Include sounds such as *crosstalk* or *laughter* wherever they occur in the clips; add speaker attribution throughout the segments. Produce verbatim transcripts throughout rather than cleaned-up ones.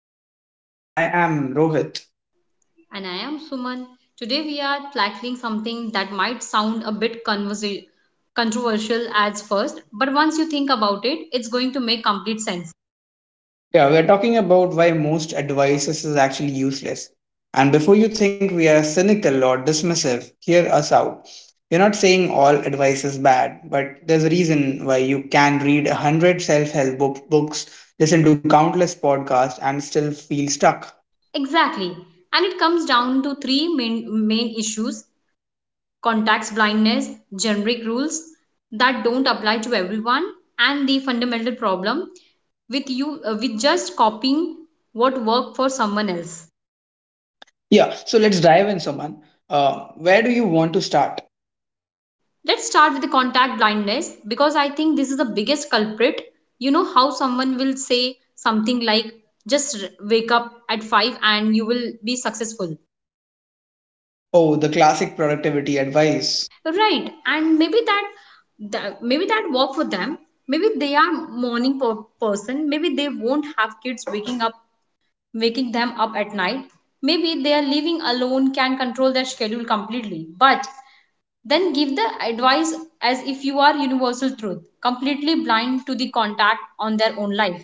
Speaker 1: to another episode. I am Rohit.
Speaker 2: And I am Suman. Today we are tackling something that might sound a bit conversa- controversial at first, but once you think about it, it's going to make complete sense.
Speaker 1: Yeah, we're talking about why most advices is actually useless. And before you think we are cynical or dismissive, hear us out. We're not saying all advice is bad, but there's a reason why you can read a hundred self-help book- books, listen to countless podcasts, and still feel stuck.
Speaker 2: Exactly. And it comes down to three main, main issues, contacts blindness, generic rules that don't apply to everyone, and the fundamental problem with you uh, with just copying what worked for someone else.
Speaker 1: Yeah, so let's dive in, Soman. Uh, where do you want to start?
Speaker 2: Let's start with the contact blindness because I think this is the biggest culprit. You know how someone will say something like, just r- wake up at five and you will be successful.
Speaker 1: Oh, the classic productivity advice.
Speaker 2: Right. And maybe that, that maybe that work for them. Maybe they are morning per- person. Maybe they won't have kids waking up waking them up at night. Maybe their living alone can control their schedule completely, but then give the advice as if you are universal truth, completely blind to the contact on their own life.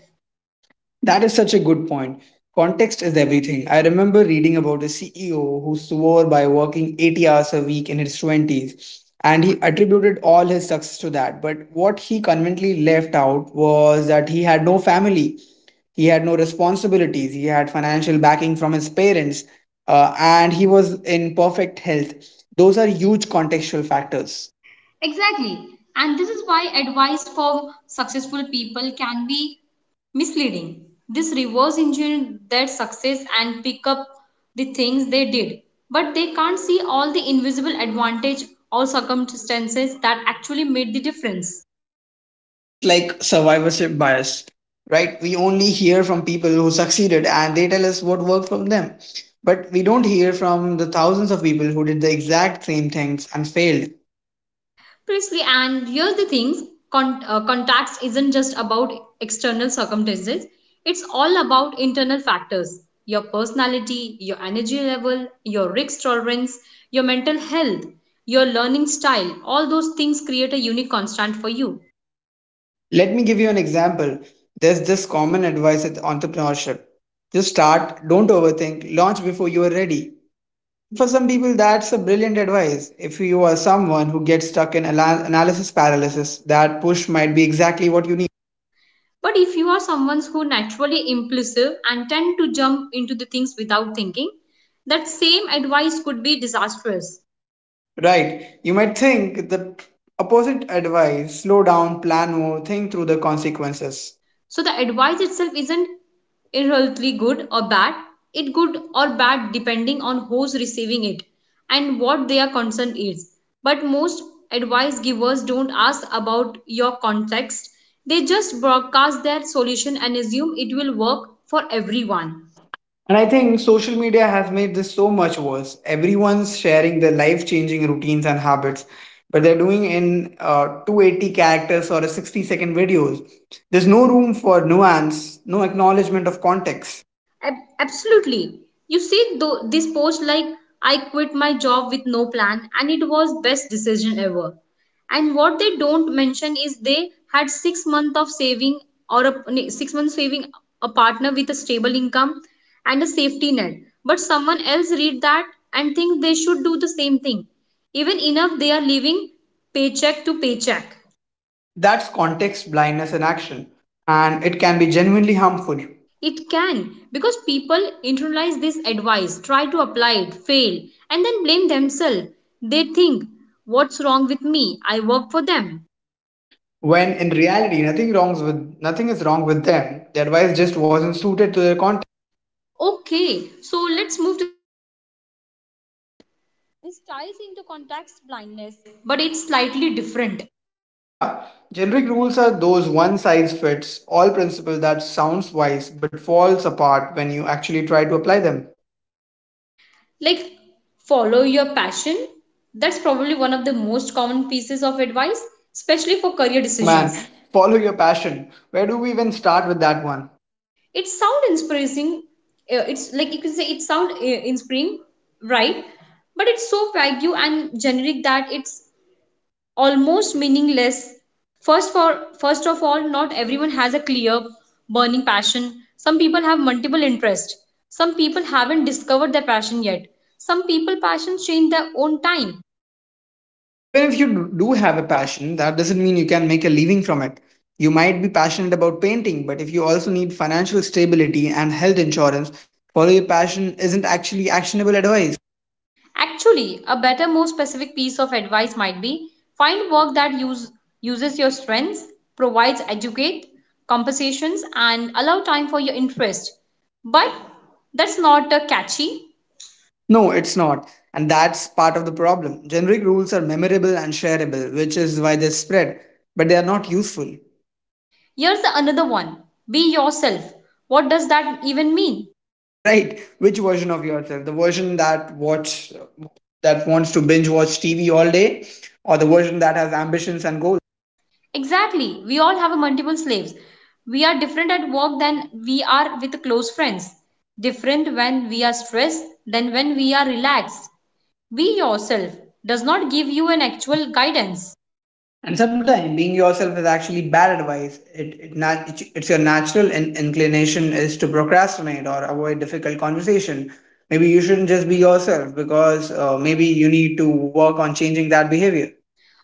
Speaker 1: That is such a good point. Context is everything. I remember reading about a C E O who swore by working eighty hours a week in his twenties, and he attributed all his success to that. But what he conveniently left out was that he had no family, he had no responsibilities, he had financial backing from his parents, uh, and he was in perfect health. Those are huge contextual factors.
Speaker 2: Exactly. And this is why advice from successful people can be misleading. This reverse engineer their success and pick up the things they did, but they can't see all the invisible advantage or circumstances that actually made the difference.
Speaker 1: It's like survivorship bias, right? We only hear from people who succeeded, and they tell us what worked from them, but we don't hear from the thousands of people who did the exact same things and failed.
Speaker 2: Precisely, and here's the thing con- uh, contacts isn't just about external circumstances, it's all about internal factors, your personality, your energy level, your risk tolerance, your mental health, your learning style. All those things create a unique constant for you.
Speaker 1: Let me give you an example. There's this common advice at entrepreneurship. Just start, don't overthink, launch before you are ready. For some people, that's a brilliant advice. If you are someone who gets stuck in ala- analysis paralysis, that push might be exactly what you need.
Speaker 2: But if you are someone who naturally impulsive and tend to jump into the things without thinking, that same advice could be disastrous.
Speaker 1: Right. You might think the opposite advice: slow down, plan more, think through the consequences.
Speaker 2: So the advice itself isn't inherently good or bad. It good or bad depending on who's receiving it and what their concern is. But most advice givers don't ask about your context. They just broadcast their solution and assume it will work for everyone.
Speaker 1: And I think social media has made this so much worse. Everyone's sharing their life changing routines and habits, but they're doing in uh, two hundred eighty characters or a sixty second videos. There's no room for nuance, no acknowledgement of context.
Speaker 2: Ab- absolutely. You see, though, this post like, I quit my job with no plan, and it was best decision ever. And what they don't mention is they had six months of saving or a ne- six months saving, a partner with a stable income and a safety net. But someone else read that and think they should do the same thing. Even enough, they are living paycheck to paycheck.
Speaker 1: That's context blindness in action, and it can be genuinely harmful.
Speaker 2: It can, because people internalize this advice, try to apply it, fail, and then blame themselves. They think, what's wrong with me? I work for them.
Speaker 1: When in reality, nothing wrongs with nothing is wrong with them. The advice just wasn't suited to their context.
Speaker 2: Okay, so let's move to, this ties into context blindness, but it's slightly different.
Speaker 1: Yeah, generic rules are those one size fits all principle that sounds wise but falls apart when you actually try to apply them.
Speaker 2: Like, follow your passion. That's probably one of the most common pieces of advice, especially for career decisions.
Speaker 1: *laughs* Oh man, follow your passion. Where do we even start with that one?
Speaker 2: It sound inspiring, uh, it's like you can say it sound uh, inspiring, right, but it's so vague and generic that it's almost meaningless. first for First of all, not everyone has a clear burning passion. Some people have multiple interests, some people haven't discovered their passion yet, some people passions change their own time.
Speaker 1: And even if you do have a passion, that doesn't mean you can make a living from it. You might be passionate about painting, but if you also need financial stability and health insurance, follow your passion isn't actually actionable advice.
Speaker 2: Actually, a better, more specific piece of advice might be find work that use, uses your strengths, provides educate, compensations, and allow time for your interest. But that's not a catchy.
Speaker 1: No, it's not. And that's part of the problem. Generic rules are memorable and shareable, which is why they spread, but they are not useful. *laughs*
Speaker 2: Here's the another one, be yourself. What does that even mean?
Speaker 1: Right? Which version of yourself? The version that watch that wants to binge watch T V all day, or the version that has ambitions and goals?
Speaker 2: Exactly, we all have a multiple slaves. We are different at work than we are with close friends, different when we are stressed than when we are relaxed. Be yourself does not give you an actual guidance.
Speaker 1: And sometimes being yourself is actually bad advice. It, it na- it's it's your natural in- inclination is to procrastinate or avoid difficult conversation. Maybe you shouldn't just be yourself, because uh, maybe you need to work on changing that behavior.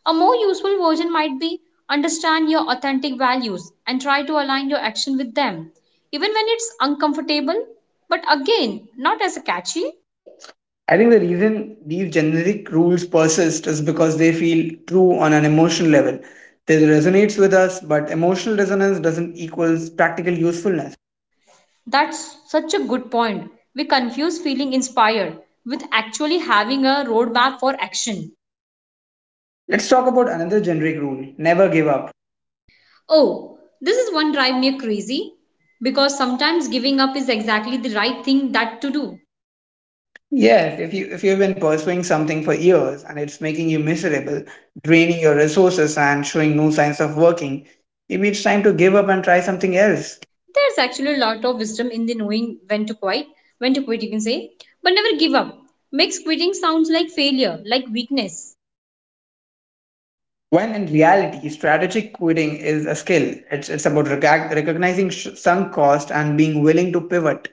Speaker 2: A more useful version might be understand your authentic values and try to align your action with them, even when it's uncomfortable, but again, not as a catchy.
Speaker 1: I think the reason these generic rules persist is because they feel true on an emotional level. They resonates with us, but emotional resonance doesn't equals practical usefulness.
Speaker 2: That's such a good point. We confuse feeling inspired with actually having a roadmap for action.
Speaker 1: Let's talk about another generic rule: never give up.
Speaker 2: Oh, this is one drive me crazy because sometimes giving up is exactly the right thing that to do.
Speaker 1: Yes, if you if you've been pursuing something for years and it's making you miserable, draining your resources and showing no signs of working, maybe it's time to give up and try something else.
Speaker 2: There's actually a lot of wisdom in the knowing when to quit, when to quit, you can say, but never give up. Makes quitting sounds like failure, like weakness.
Speaker 1: When in reality, strategic quitting is a skill. It's it's about recog- recognizing sh- sunk cost and being willing to pivot.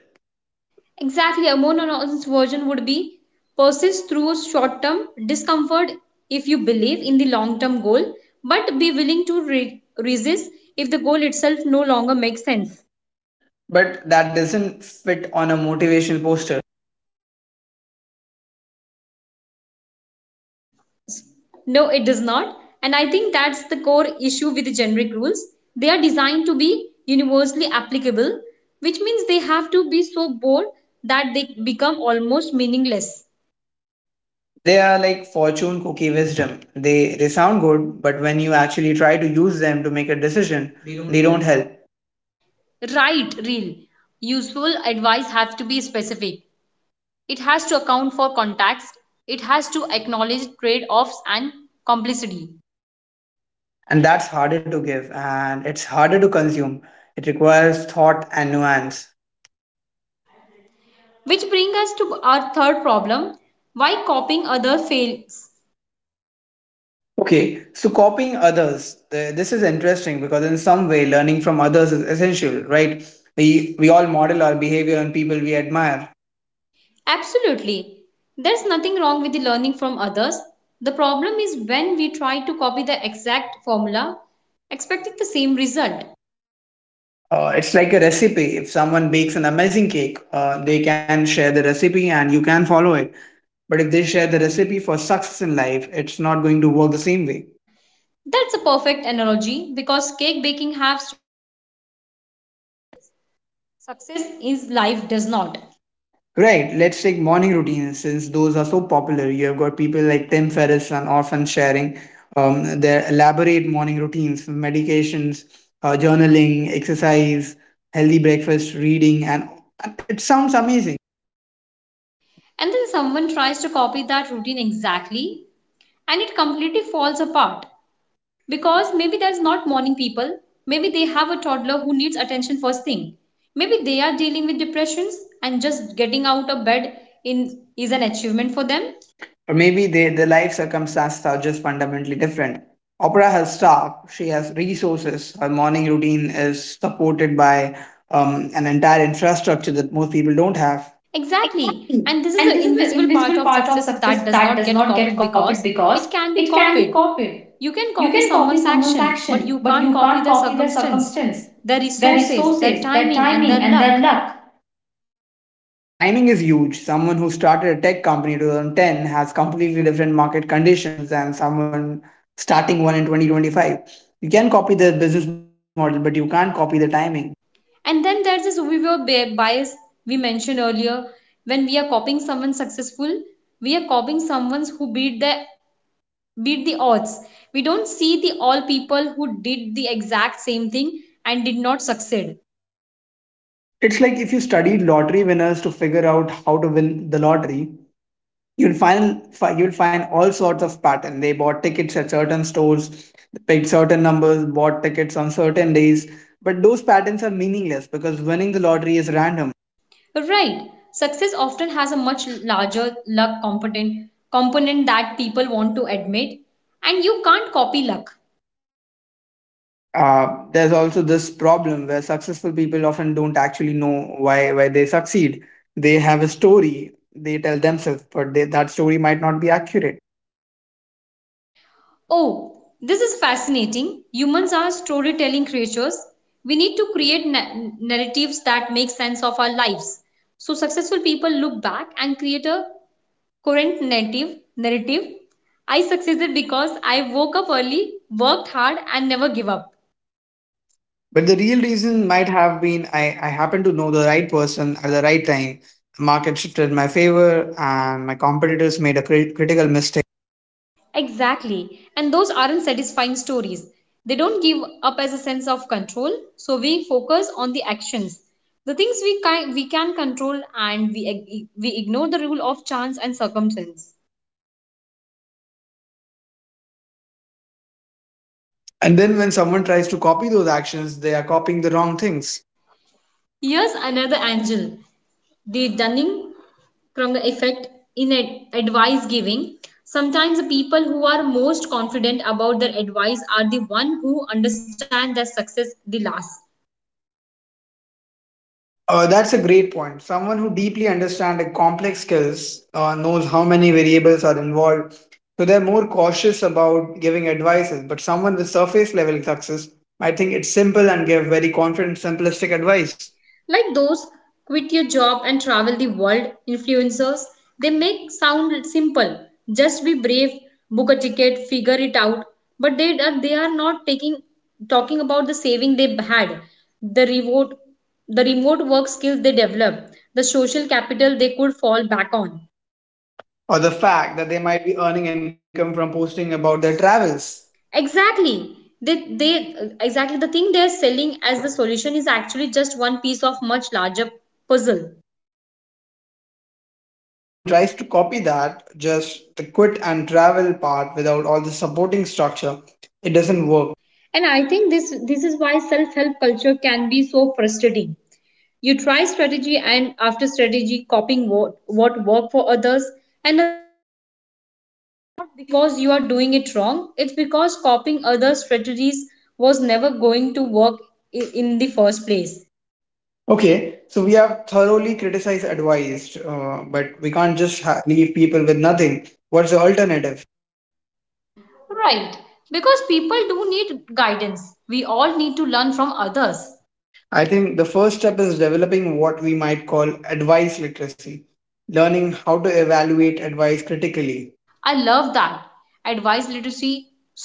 Speaker 2: Exactly, a more honest version would be persist through short term discomfort if you believe in the long term goal, but be willing to re- resist if the goal itself no longer makes sense.
Speaker 1: But that doesn't fit on a motivational poster.
Speaker 2: No, it does not. And I think that's the core issue with the generic rules. They are designed to be universally applicable, which means they have to be so bold that they become almost meaningless.
Speaker 1: They are like fortune cookie wisdom. They they sound good, but when you actually try to use them to make a decision, they don't help.
Speaker 2: Right, real. Useful advice has to be specific. It has to account for context. It has to acknowledge trade offs and complicity.
Speaker 1: And that's harder to give, and it's harder to consume. It requires thought and nuance.
Speaker 2: Which brings us to our third problem, why copying other fails.
Speaker 1: Okay, so copying others, th- this is interesting, because in some way learning from others is essential, right? We we all model our behavior on people we admire.
Speaker 2: Absolutely. There's nothing wrong with the learning from others. The problem is when we try to copy the exact formula, expecting the same result.
Speaker 1: Uh, it's like a recipe. If someone bakes an amazing cake, uh, they can share the recipe and you can follow it. But if they share the recipe for success in life, it's not going to work the same way.
Speaker 2: That's a perfect analogy because cake baking has success is life does not.
Speaker 1: Right, let's take morning routines since those are so popular. You have got people like Tim Ferriss and often sharing um, their elaborate morning routines, medications, uh, journaling, exercise, healthy breakfast, reading, and and it sounds amazing.
Speaker 2: And then someone tries to copy that routine exactly and it completely falls apart. Because maybe there's not morning people, maybe they have a toddler who needs attention first thing, maybe they are dealing with depressions and just getting out of bed in is an achievement for them.
Speaker 1: For them? Or maybe they, their life circumstances are just fundamentally different. Opera has staff, she has resources, her morning routine is supported by um, an entire infrastructure that most people don't have.
Speaker 2: Exactly,
Speaker 1: Exactly.
Speaker 2: and this is
Speaker 1: And
Speaker 2: the
Speaker 1: this is the
Speaker 2: invisible part
Speaker 1: invisible
Speaker 2: of
Speaker 1: part of
Speaker 2: success
Speaker 1: success
Speaker 2: that does
Speaker 1: that
Speaker 2: not
Speaker 1: does
Speaker 2: get
Speaker 1: not get
Speaker 2: copied
Speaker 1: copied,
Speaker 2: because
Speaker 1: because
Speaker 2: it can
Speaker 1: it
Speaker 2: be
Speaker 1: can be
Speaker 2: copied.
Speaker 1: copied.
Speaker 2: You can
Speaker 1: You
Speaker 2: copy
Speaker 1: can copy
Speaker 2: someone's
Speaker 1: someone's
Speaker 2: action, but
Speaker 1: action,
Speaker 2: you
Speaker 1: but
Speaker 2: can't
Speaker 1: you
Speaker 2: copy
Speaker 1: can't
Speaker 2: their
Speaker 1: copy their
Speaker 2: circumstance,
Speaker 1: circumstance,
Speaker 2: their
Speaker 1: their
Speaker 2: resources, their
Speaker 1: resources, their
Speaker 2: timing, and
Speaker 1: timing,
Speaker 2: their
Speaker 1: and their
Speaker 2: luck.
Speaker 1: luck. Um, timing is huge. Someone who started a tech company in twenty ten has completely different market conditions than someone starting one in twenty twenty-five. You can copy the business model, but you can't copy the timing.
Speaker 2: And then there's this viewer bi- bias we mentioned earlier. When we are copying someone successful, we are copying someone who beat the beat the odds. We don't see the all people who did the exact same thing and did not succeed.
Speaker 1: It's like if you studied lottery winners to figure out how to win the lottery, you'll find you'll find all sorts of patterns. They bought tickets at certain stores, picked certain numbers, bought tickets on certain days, but those patterns are meaningless because winning the lottery is random.
Speaker 2: Right. Success often has a much larger luck component component that people want to admit. And you can't copy luck.
Speaker 1: uh, there's also this problem where successful people often don't actually know why why they succeed. They have a story they tell themselves, but they, that story might not be accurate.
Speaker 2: Oh, this is fascinating. Humans are storytelling creatures. We need to create na- narratives that make sense of our lives. So successful people look back and create a current narrative. Narrative. I succeeded because I woke up early, worked hard, and never give up.
Speaker 1: But the real reason might have been I, I happened to know the right person at the right time. The market shifted in my favor, and my competitors made a crit- critical mistake.
Speaker 2: Exactly. And those aren't satisfying stories. They don't give up as a sense of control, so we focus on the actions. The things we can, we can control and we, ig- we ignore the rule of chance and circumstance.
Speaker 1: And then when someone tries to copy those actions, they are copying the wrong things.
Speaker 2: Here's another angle, the Dunning Kruger effect in ad- advice giving. Sometimes the people who are most confident about their advice are the one who understand their success the last.
Speaker 1: Uh, that's a great point. Someone who deeply understands a complex skills uh, knows how many variables are involved, so they're more cautious about giving advices. But someone with surface level success might think it's simple and give very confident, simplistic advice,
Speaker 2: Like those quit your job and travel the world influencers, they make sound simple. Just be brave, book a ticket, figure it out. But they are they are not taking talking about the saving they had, the remote the remote work skills they developed, the social capital they could fall back on.
Speaker 1: or the fact that they might be earning income from posting about their travels.
Speaker 2: Exactly. They, they exactly the thing they are selling as the solution is actually just one piece of much larger puzzle.
Speaker 1: So when someone tries to copy that, just the quit and travel part without all the supporting structure, it doesn't work.
Speaker 2: And I think this this is why self-help culture can be so frustrating. You try strategy and after strategy copying what, what worked for others and not because you are doing it wrong, it's because copying other strategies was never going to work i- in the first place.
Speaker 1: Okay, so we have thoroughly criticized, advised, uh, but we can't just ha- leave people with
Speaker 2: Right,
Speaker 1: nothing.
Speaker 2: because
Speaker 1: What's the
Speaker 2: people do
Speaker 1: alternative?
Speaker 2: need guidance. We all need to learn from others.
Speaker 1: I think the first step is developing what we might call advice literacy, learning how to
Speaker 2: I
Speaker 1: evaluate
Speaker 2: love
Speaker 1: advice
Speaker 2: that.
Speaker 1: critically.
Speaker 2: Advice literacy. So, what does that look like?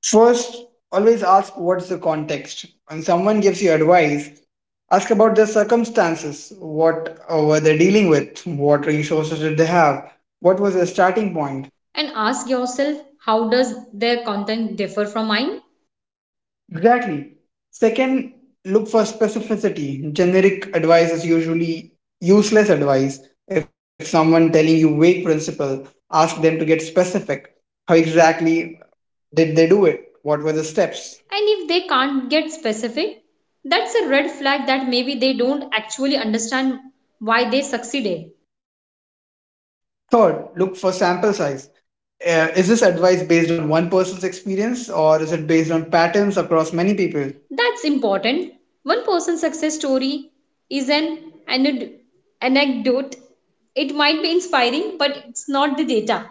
Speaker 1: First, always ask what's the context. When someone gives you advice, ask about their circumstances. What uh, were they dealing with, what resources did they have, what was their starting point?
Speaker 2: And ask yourself, how does their content differ from mine?
Speaker 1: Exactly. Second, look for specificity. Generic advice is usually useless advice. If someone telling you vague principle, ask them to get specific. How exactly did they do it? What were the steps?
Speaker 2: And if they can't get specific, that's a red flag that maybe they don't actually understand why they succeeded.
Speaker 1: Third, look for sample size. Uh, is this advice based on one person's experience, or is it based on patterns across many people?
Speaker 2: That's important. One person's success story is an anod- anecdote. It might be inspiring, but it's not the data.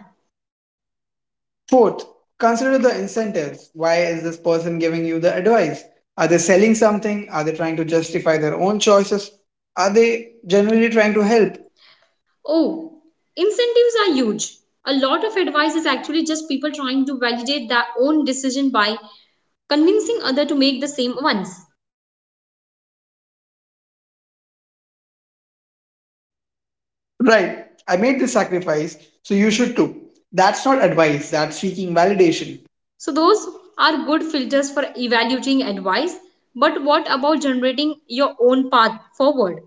Speaker 1: Fourth, consider the incentives. Why is this person giving you the advice? Are they selling something? Are they trying to justify their own choices? Are they genuinely trying to help?
Speaker 2: Oh, incentives are huge. A lot of advice is actually just people trying to validate their own decision by convincing other to make the same ones.
Speaker 1: Right, I made this sacrifice, so you should too. That's not advice, that's seeking validation.
Speaker 2: So those are good filters for evaluating advice. But what about generating your own path forward?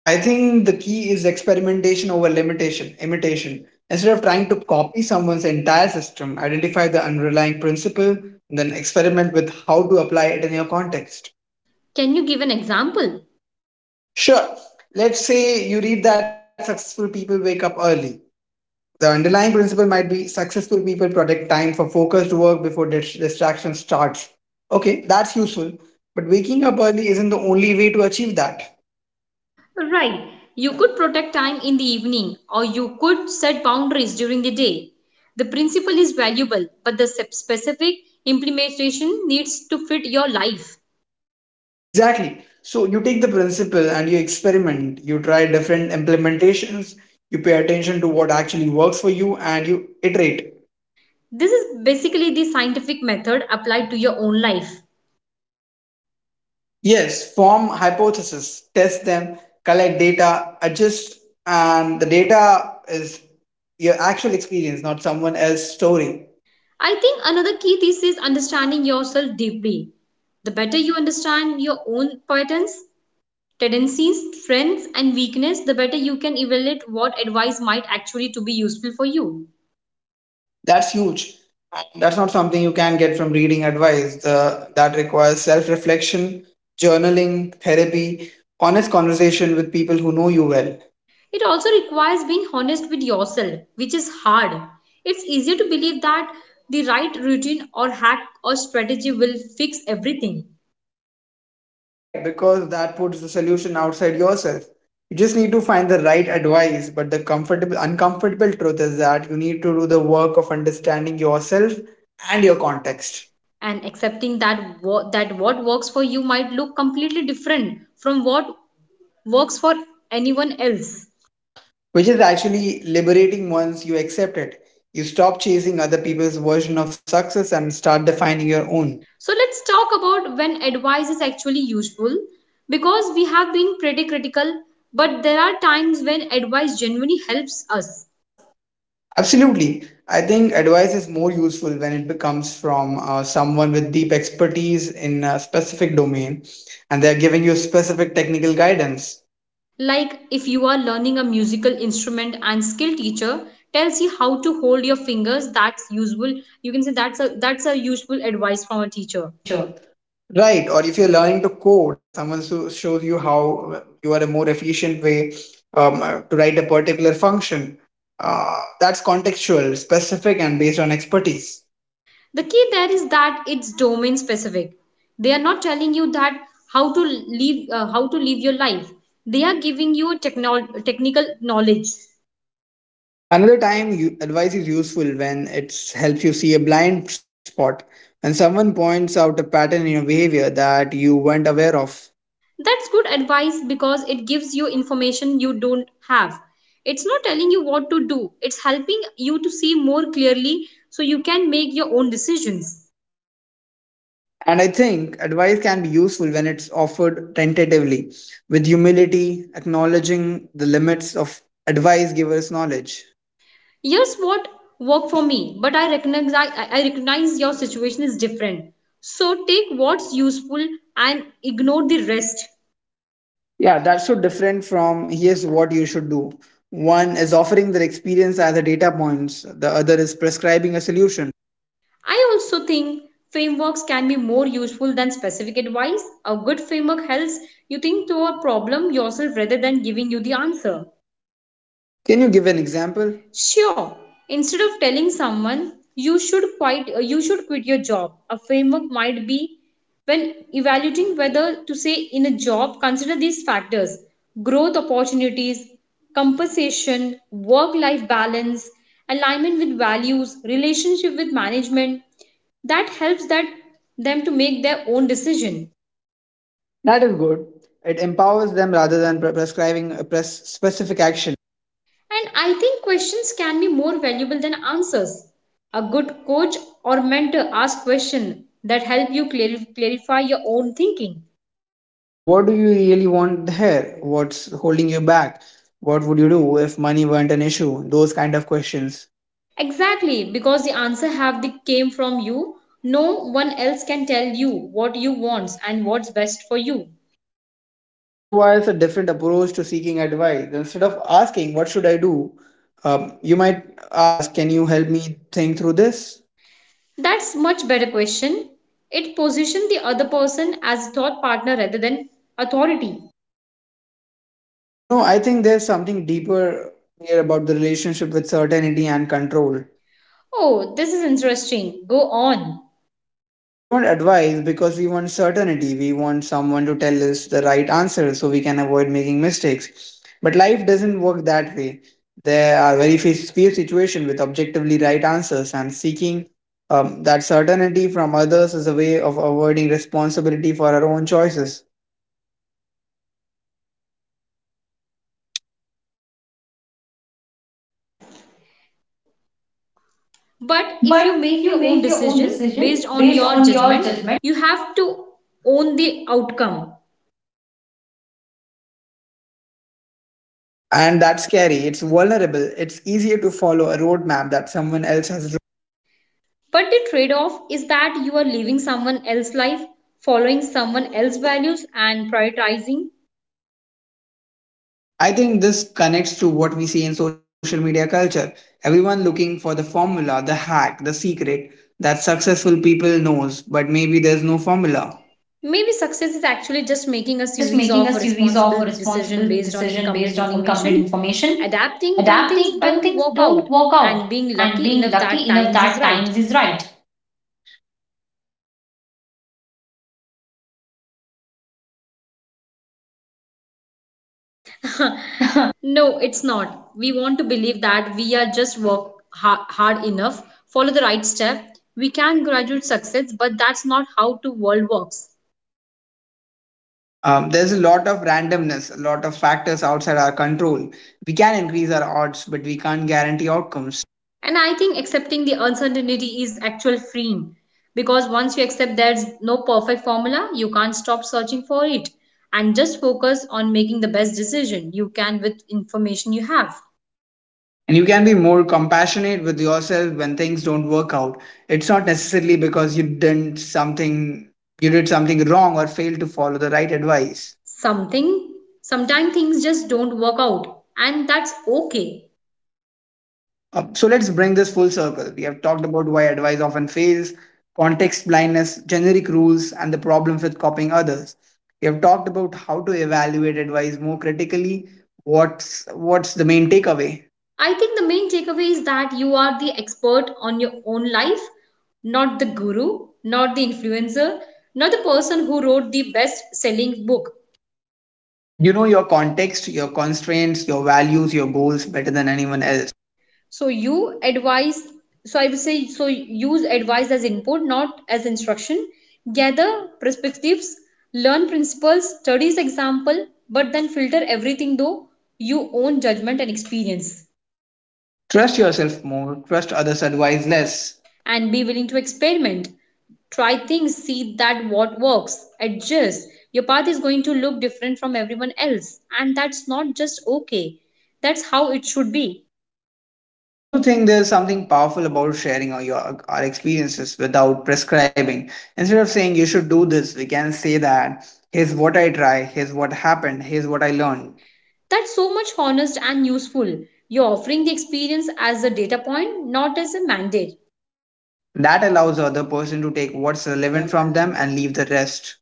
Speaker 1: I think the key is experimentation over limitation, imitation. Instead of trying to copy someone's entire system, identify the underlying principle, and then experiment with how to apply it in your context.
Speaker 2: Can you give an example?
Speaker 1: Sure. Let's say you read that successful people wake up early. The underlying principle might be successful people protect time for focused work before dis- distraction starts. Okay, that's useful. But waking up early isn't the only way to achieve that.
Speaker 2: Right. You could protect time in the evening or you could set boundaries during the day. The principle is valuable, but the specific implementation needs to fit your life.
Speaker 1: Exactly. So you take the principle and you experiment. You try different implementations. You pay attention to what actually works for you, and you iterate.
Speaker 2: This is basically the scientific method applied to your own life.
Speaker 1: Yes, form hypotheses, test them, collect data, adjust, and the data is your actual experience, not someone else's story.
Speaker 2: I think another key thesis is understanding yourself deeply. The better you understand your own patterns, tendencies, strengths, and weakness, the better you can evaluate what advice might actually to be useful for you.
Speaker 1: That's huge. That's not something you can get from reading advice. The, that requires self reflection, journaling, therapy, honest conversation with people who know you well.
Speaker 2: It also requires being honest with yourself, which is hard. It's easier to believe that the right routine or hack or strategy will fix everything.
Speaker 1: Right, because that puts the solution outside yourself. You just need to find the right advice, but the comfortable, uncomfortable truth is that you need to do the work of understanding yourself and your context.
Speaker 2: And accepting that what, that what works for you might look completely different from what works for anyone else.
Speaker 1: Which is actually liberating once you accept it. You stop chasing other people's version of success and start defining your own.
Speaker 2: So let's talk about when advice is actually useful because we have been pretty critical, but there are times when advice genuinely helps us.
Speaker 1: Yes, absolutely. I think advice is more useful when it becomes from uh, someone with deep expertise in a specific domain, and they're giving you specific technical guidance.
Speaker 2: Like if you are learning a musical instrument and skill teacher tells you how to hold your fingers, that's useful. You can say that's a that's a useful advice from a
Speaker 1: From a
Speaker 2: teacher.
Speaker 1: teacher. Right, or if you're learning to code and someone so shows you how uh, you are a more efficient way um, uh, to write a particular function, uh, that's contextual, specific, and based on expertise.
Speaker 2: The key there is that it's domain specific. They are not telling you that how to live uh, how to live your life. They are giving you technol- technical knowledge.
Speaker 1: Another time, you, advice is useful when it helps you see a blind spot, when someone points out a pattern in your behavior that you weren't aware of.
Speaker 2: That's good advice because it gives you information you don't have. It's not telling you what to do, it's helping you to see more clearly so you can make your own decisions.
Speaker 1: And I think advice can be useful when it's offered tentatively, with humility, acknowledging the limits of advice giver's knowledge.
Speaker 2: Here's what worked for me, but I recognize, I recognize your situation is different. So take what's useful and ignore the rest.
Speaker 1: Yeah, that's so different from here's what you should do. One is offering their experience as a data points, the other is prescribing a solution.
Speaker 2: I also think frameworks can be more useful than specific advice. A good framework helps you think through a problem yourself rather than giving you the answer.
Speaker 1: Can you give an example?
Speaker 2: Sure, instead of telling someone you should quit, you should quit your job, a framework might be when evaluating whether to say in a job, consider these factors: growth opportunities, compensation, work life balance, alignment with values, relationship with management. That helps that them to make their own decision.
Speaker 1: That is good. It empowers them rather than pre- prescribing a pres- specific action.
Speaker 2: And I think questions can be more valuable than answers. A good coach or mentor asks questions that help you clar- clarify your own thinking.
Speaker 1: What do you really want here? What's holding you back? What would you do if money weren't an issue? Those kind of questions.
Speaker 2: Exactly, because the answer have the came from you. No one else can tell you what you want and what's best for you.
Speaker 1: That requires a different approach to seeking advice. Instead of asking, what should I do? Um, you might ask, can you help me think through this?
Speaker 2: That's much better question. It positions the other person as thought partner rather than authority.
Speaker 1: You know, I think there's something deeper here about the relationship with certainty and control.
Speaker 2: Oh, this is interesting. Go on.
Speaker 1: We want advice because we want certainty. We want someone to tell us the right answer so we can avoid making mistakes. But life doesn't work that way. There are very few, few situations with objectively right answers, and seeking um, that certainty from others is a way of avoiding responsibility for our own choices.
Speaker 2: But if
Speaker 1: But
Speaker 2: you
Speaker 1: if
Speaker 2: make
Speaker 1: you
Speaker 2: your own
Speaker 1: make your own
Speaker 2: decision
Speaker 1: decision
Speaker 2: based on
Speaker 1: based
Speaker 2: your
Speaker 1: on your
Speaker 2: judgment,
Speaker 1: judgment.
Speaker 2: you have to own the outcome.
Speaker 1: And that's scary. It's vulnerable. It's easier to follow a roadmap that someone else has.
Speaker 2: But the trade off is that you are living someone else's life, following someone else's values, and prioritizing.
Speaker 1: I think this connects to what we see in social media culture. Everyone looking for the formula, the hack, the secret that successful people knows, but maybe there's no formula.
Speaker 2: Maybe success is actually just making
Speaker 1: Actually,
Speaker 2: a
Speaker 1: just
Speaker 2: series
Speaker 1: making a
Speaker 2: of
Speaker 1: series of
Speaker 2: responsible decisions
Speaker 1: responsible
Speaker 2: based on
Speaker 1: decision based
Speaker 2: incomplete
Speaker 1: on incomplete
Speaker 2: information,
Speaker 1: information,
Speaker 2: adapting when things
Speaker 1: adapting when
Speaker 2: don't
Speaker 1: things
Speaker 2: work
Speaker 1: don't
Speaker 2: out,
Speaker 1: work
Speaker 2: and
Speaker 1: out,
Speaker 2: being
Speaker 1: and
Speaker 2: lucky
Speaker 1: being
Speaker 2: enough that
Speaker 1: lucky enough
Speaker 2: times is
Speaker 1: that
Speaker 2: right.
Speaker 1: times is right.
Speaker 2: *laughs* No, it's not. We want to believe that we are just work ha- hard enough, follow the right step. We can graduate success, but that's not how the world works.
Speaker 1: Um, there's a lot of randomness, a lot of factors outside our control. We can increase our odds, but we can't guarantee outcomes.
Speaker 2: And I think accepting the uncertainty is actual freeing because once you accept there's no perfect formula, you can't stop searching for it and just focus on making the best decision you can with information you have.
Speaker 1: And you can be more compassionate with yourself when things don't work out. It's not necessarily because you didn't something you did something wrong or failed to follow the right advice.
Speaker 2: Something, sometimes things just don't work out, and that's okay.
Speaker 1: Uh, so let's bring this full circle. We have talked about why advice often fails, context blindness, generic rules, and the problems with copying others. We have talked about how to evaluate advice more critically. What's what's the main takeaway?
Speaker 2: I think the main takeaway is that you are the expert on your own life, not the guru, not the influencer, not the person who wrote the best selling book.
Speaker 1: You know your context, your constraints, your values, your goals better than anyone else.
Speaker 2: So you advise, so I would say, so use advice as input, not as instruction. Gather perspectives, learn principles, studies example, but then filter everything though your own judgment and experience.
Speaker 1: Trust yourself more, trust others' advice less.
Speaker 2: And be willing to experiment. Try things, see that what works, adjust. Your path is going to look different from everyone else, and that's not just okay. That's how it should be.
Speaker 1: I also think there's something powerful about sharing our, your, our experiences without prescribing. Instead of saying you should do this, we can say that here's what I try, here's what happened, here's what I learned.
Speaker 2: That's so much honest and useful. You're offering the experience as a data point, not as a mandate.
Speaker 1: That allows the other person to take what's relevant from them and leave the rest.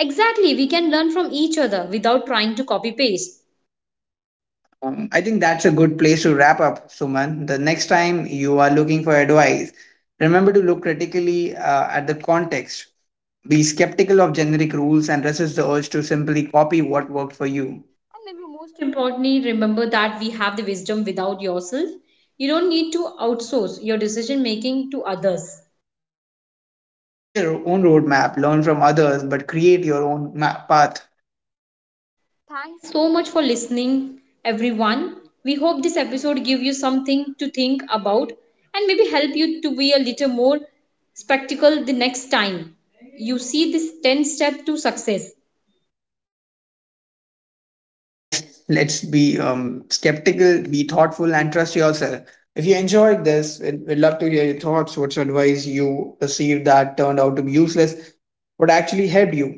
Speaker 2: Exactly, we can learn from each other without trying to copy paste.
Speaker 1: Um, I think that's a good place to wrap up, Suman. The next time you are looking for advice, remember to look critically uh, at the context. Be skeptical of generic rules and resist the urge to simply copy what worked for you.
Speaker 2: And maybe most importantly, remember that we have the wisdom without yourself. You don't need to outsource your decision making to others.
Speaker 1: Build your own roadmap, learn from others, but create your own ma- path.
Speaker 2: Thanks so much for listening, everyone. We hope this episode give you something to think about and maybe help you to be a little more spectacle the next time you see this ten step to success.
Speaker 1: Yes, let's be um, skeptical, be thoughtful, and trust yourself. If you enjoyed this, we'd we'd love to hear your thoughts. What's advice you received that turned out to be useless? What actually helped you?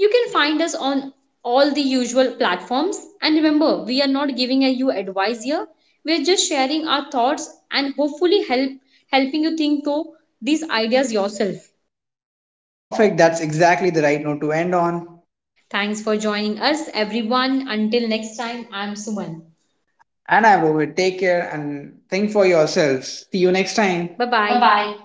Speaker 2: You can find us on all the usual platforms and remember we are not giving you advice here. We're just sharing our thoughts and hopefully help helping you think through these ideas yourself.
Speaker 1: Perfect. That's exactly the right note to end on.
Speaker 2: Thanks for joining us everyone. Until next time, I'm Suman.
Speaker 1: And I'm Rohit. Take care and think for yourselves. See you next time.
Speaker 2: Bye
Speaker 1: Bye
Speaker 2: bye.
Speaker 1: bye.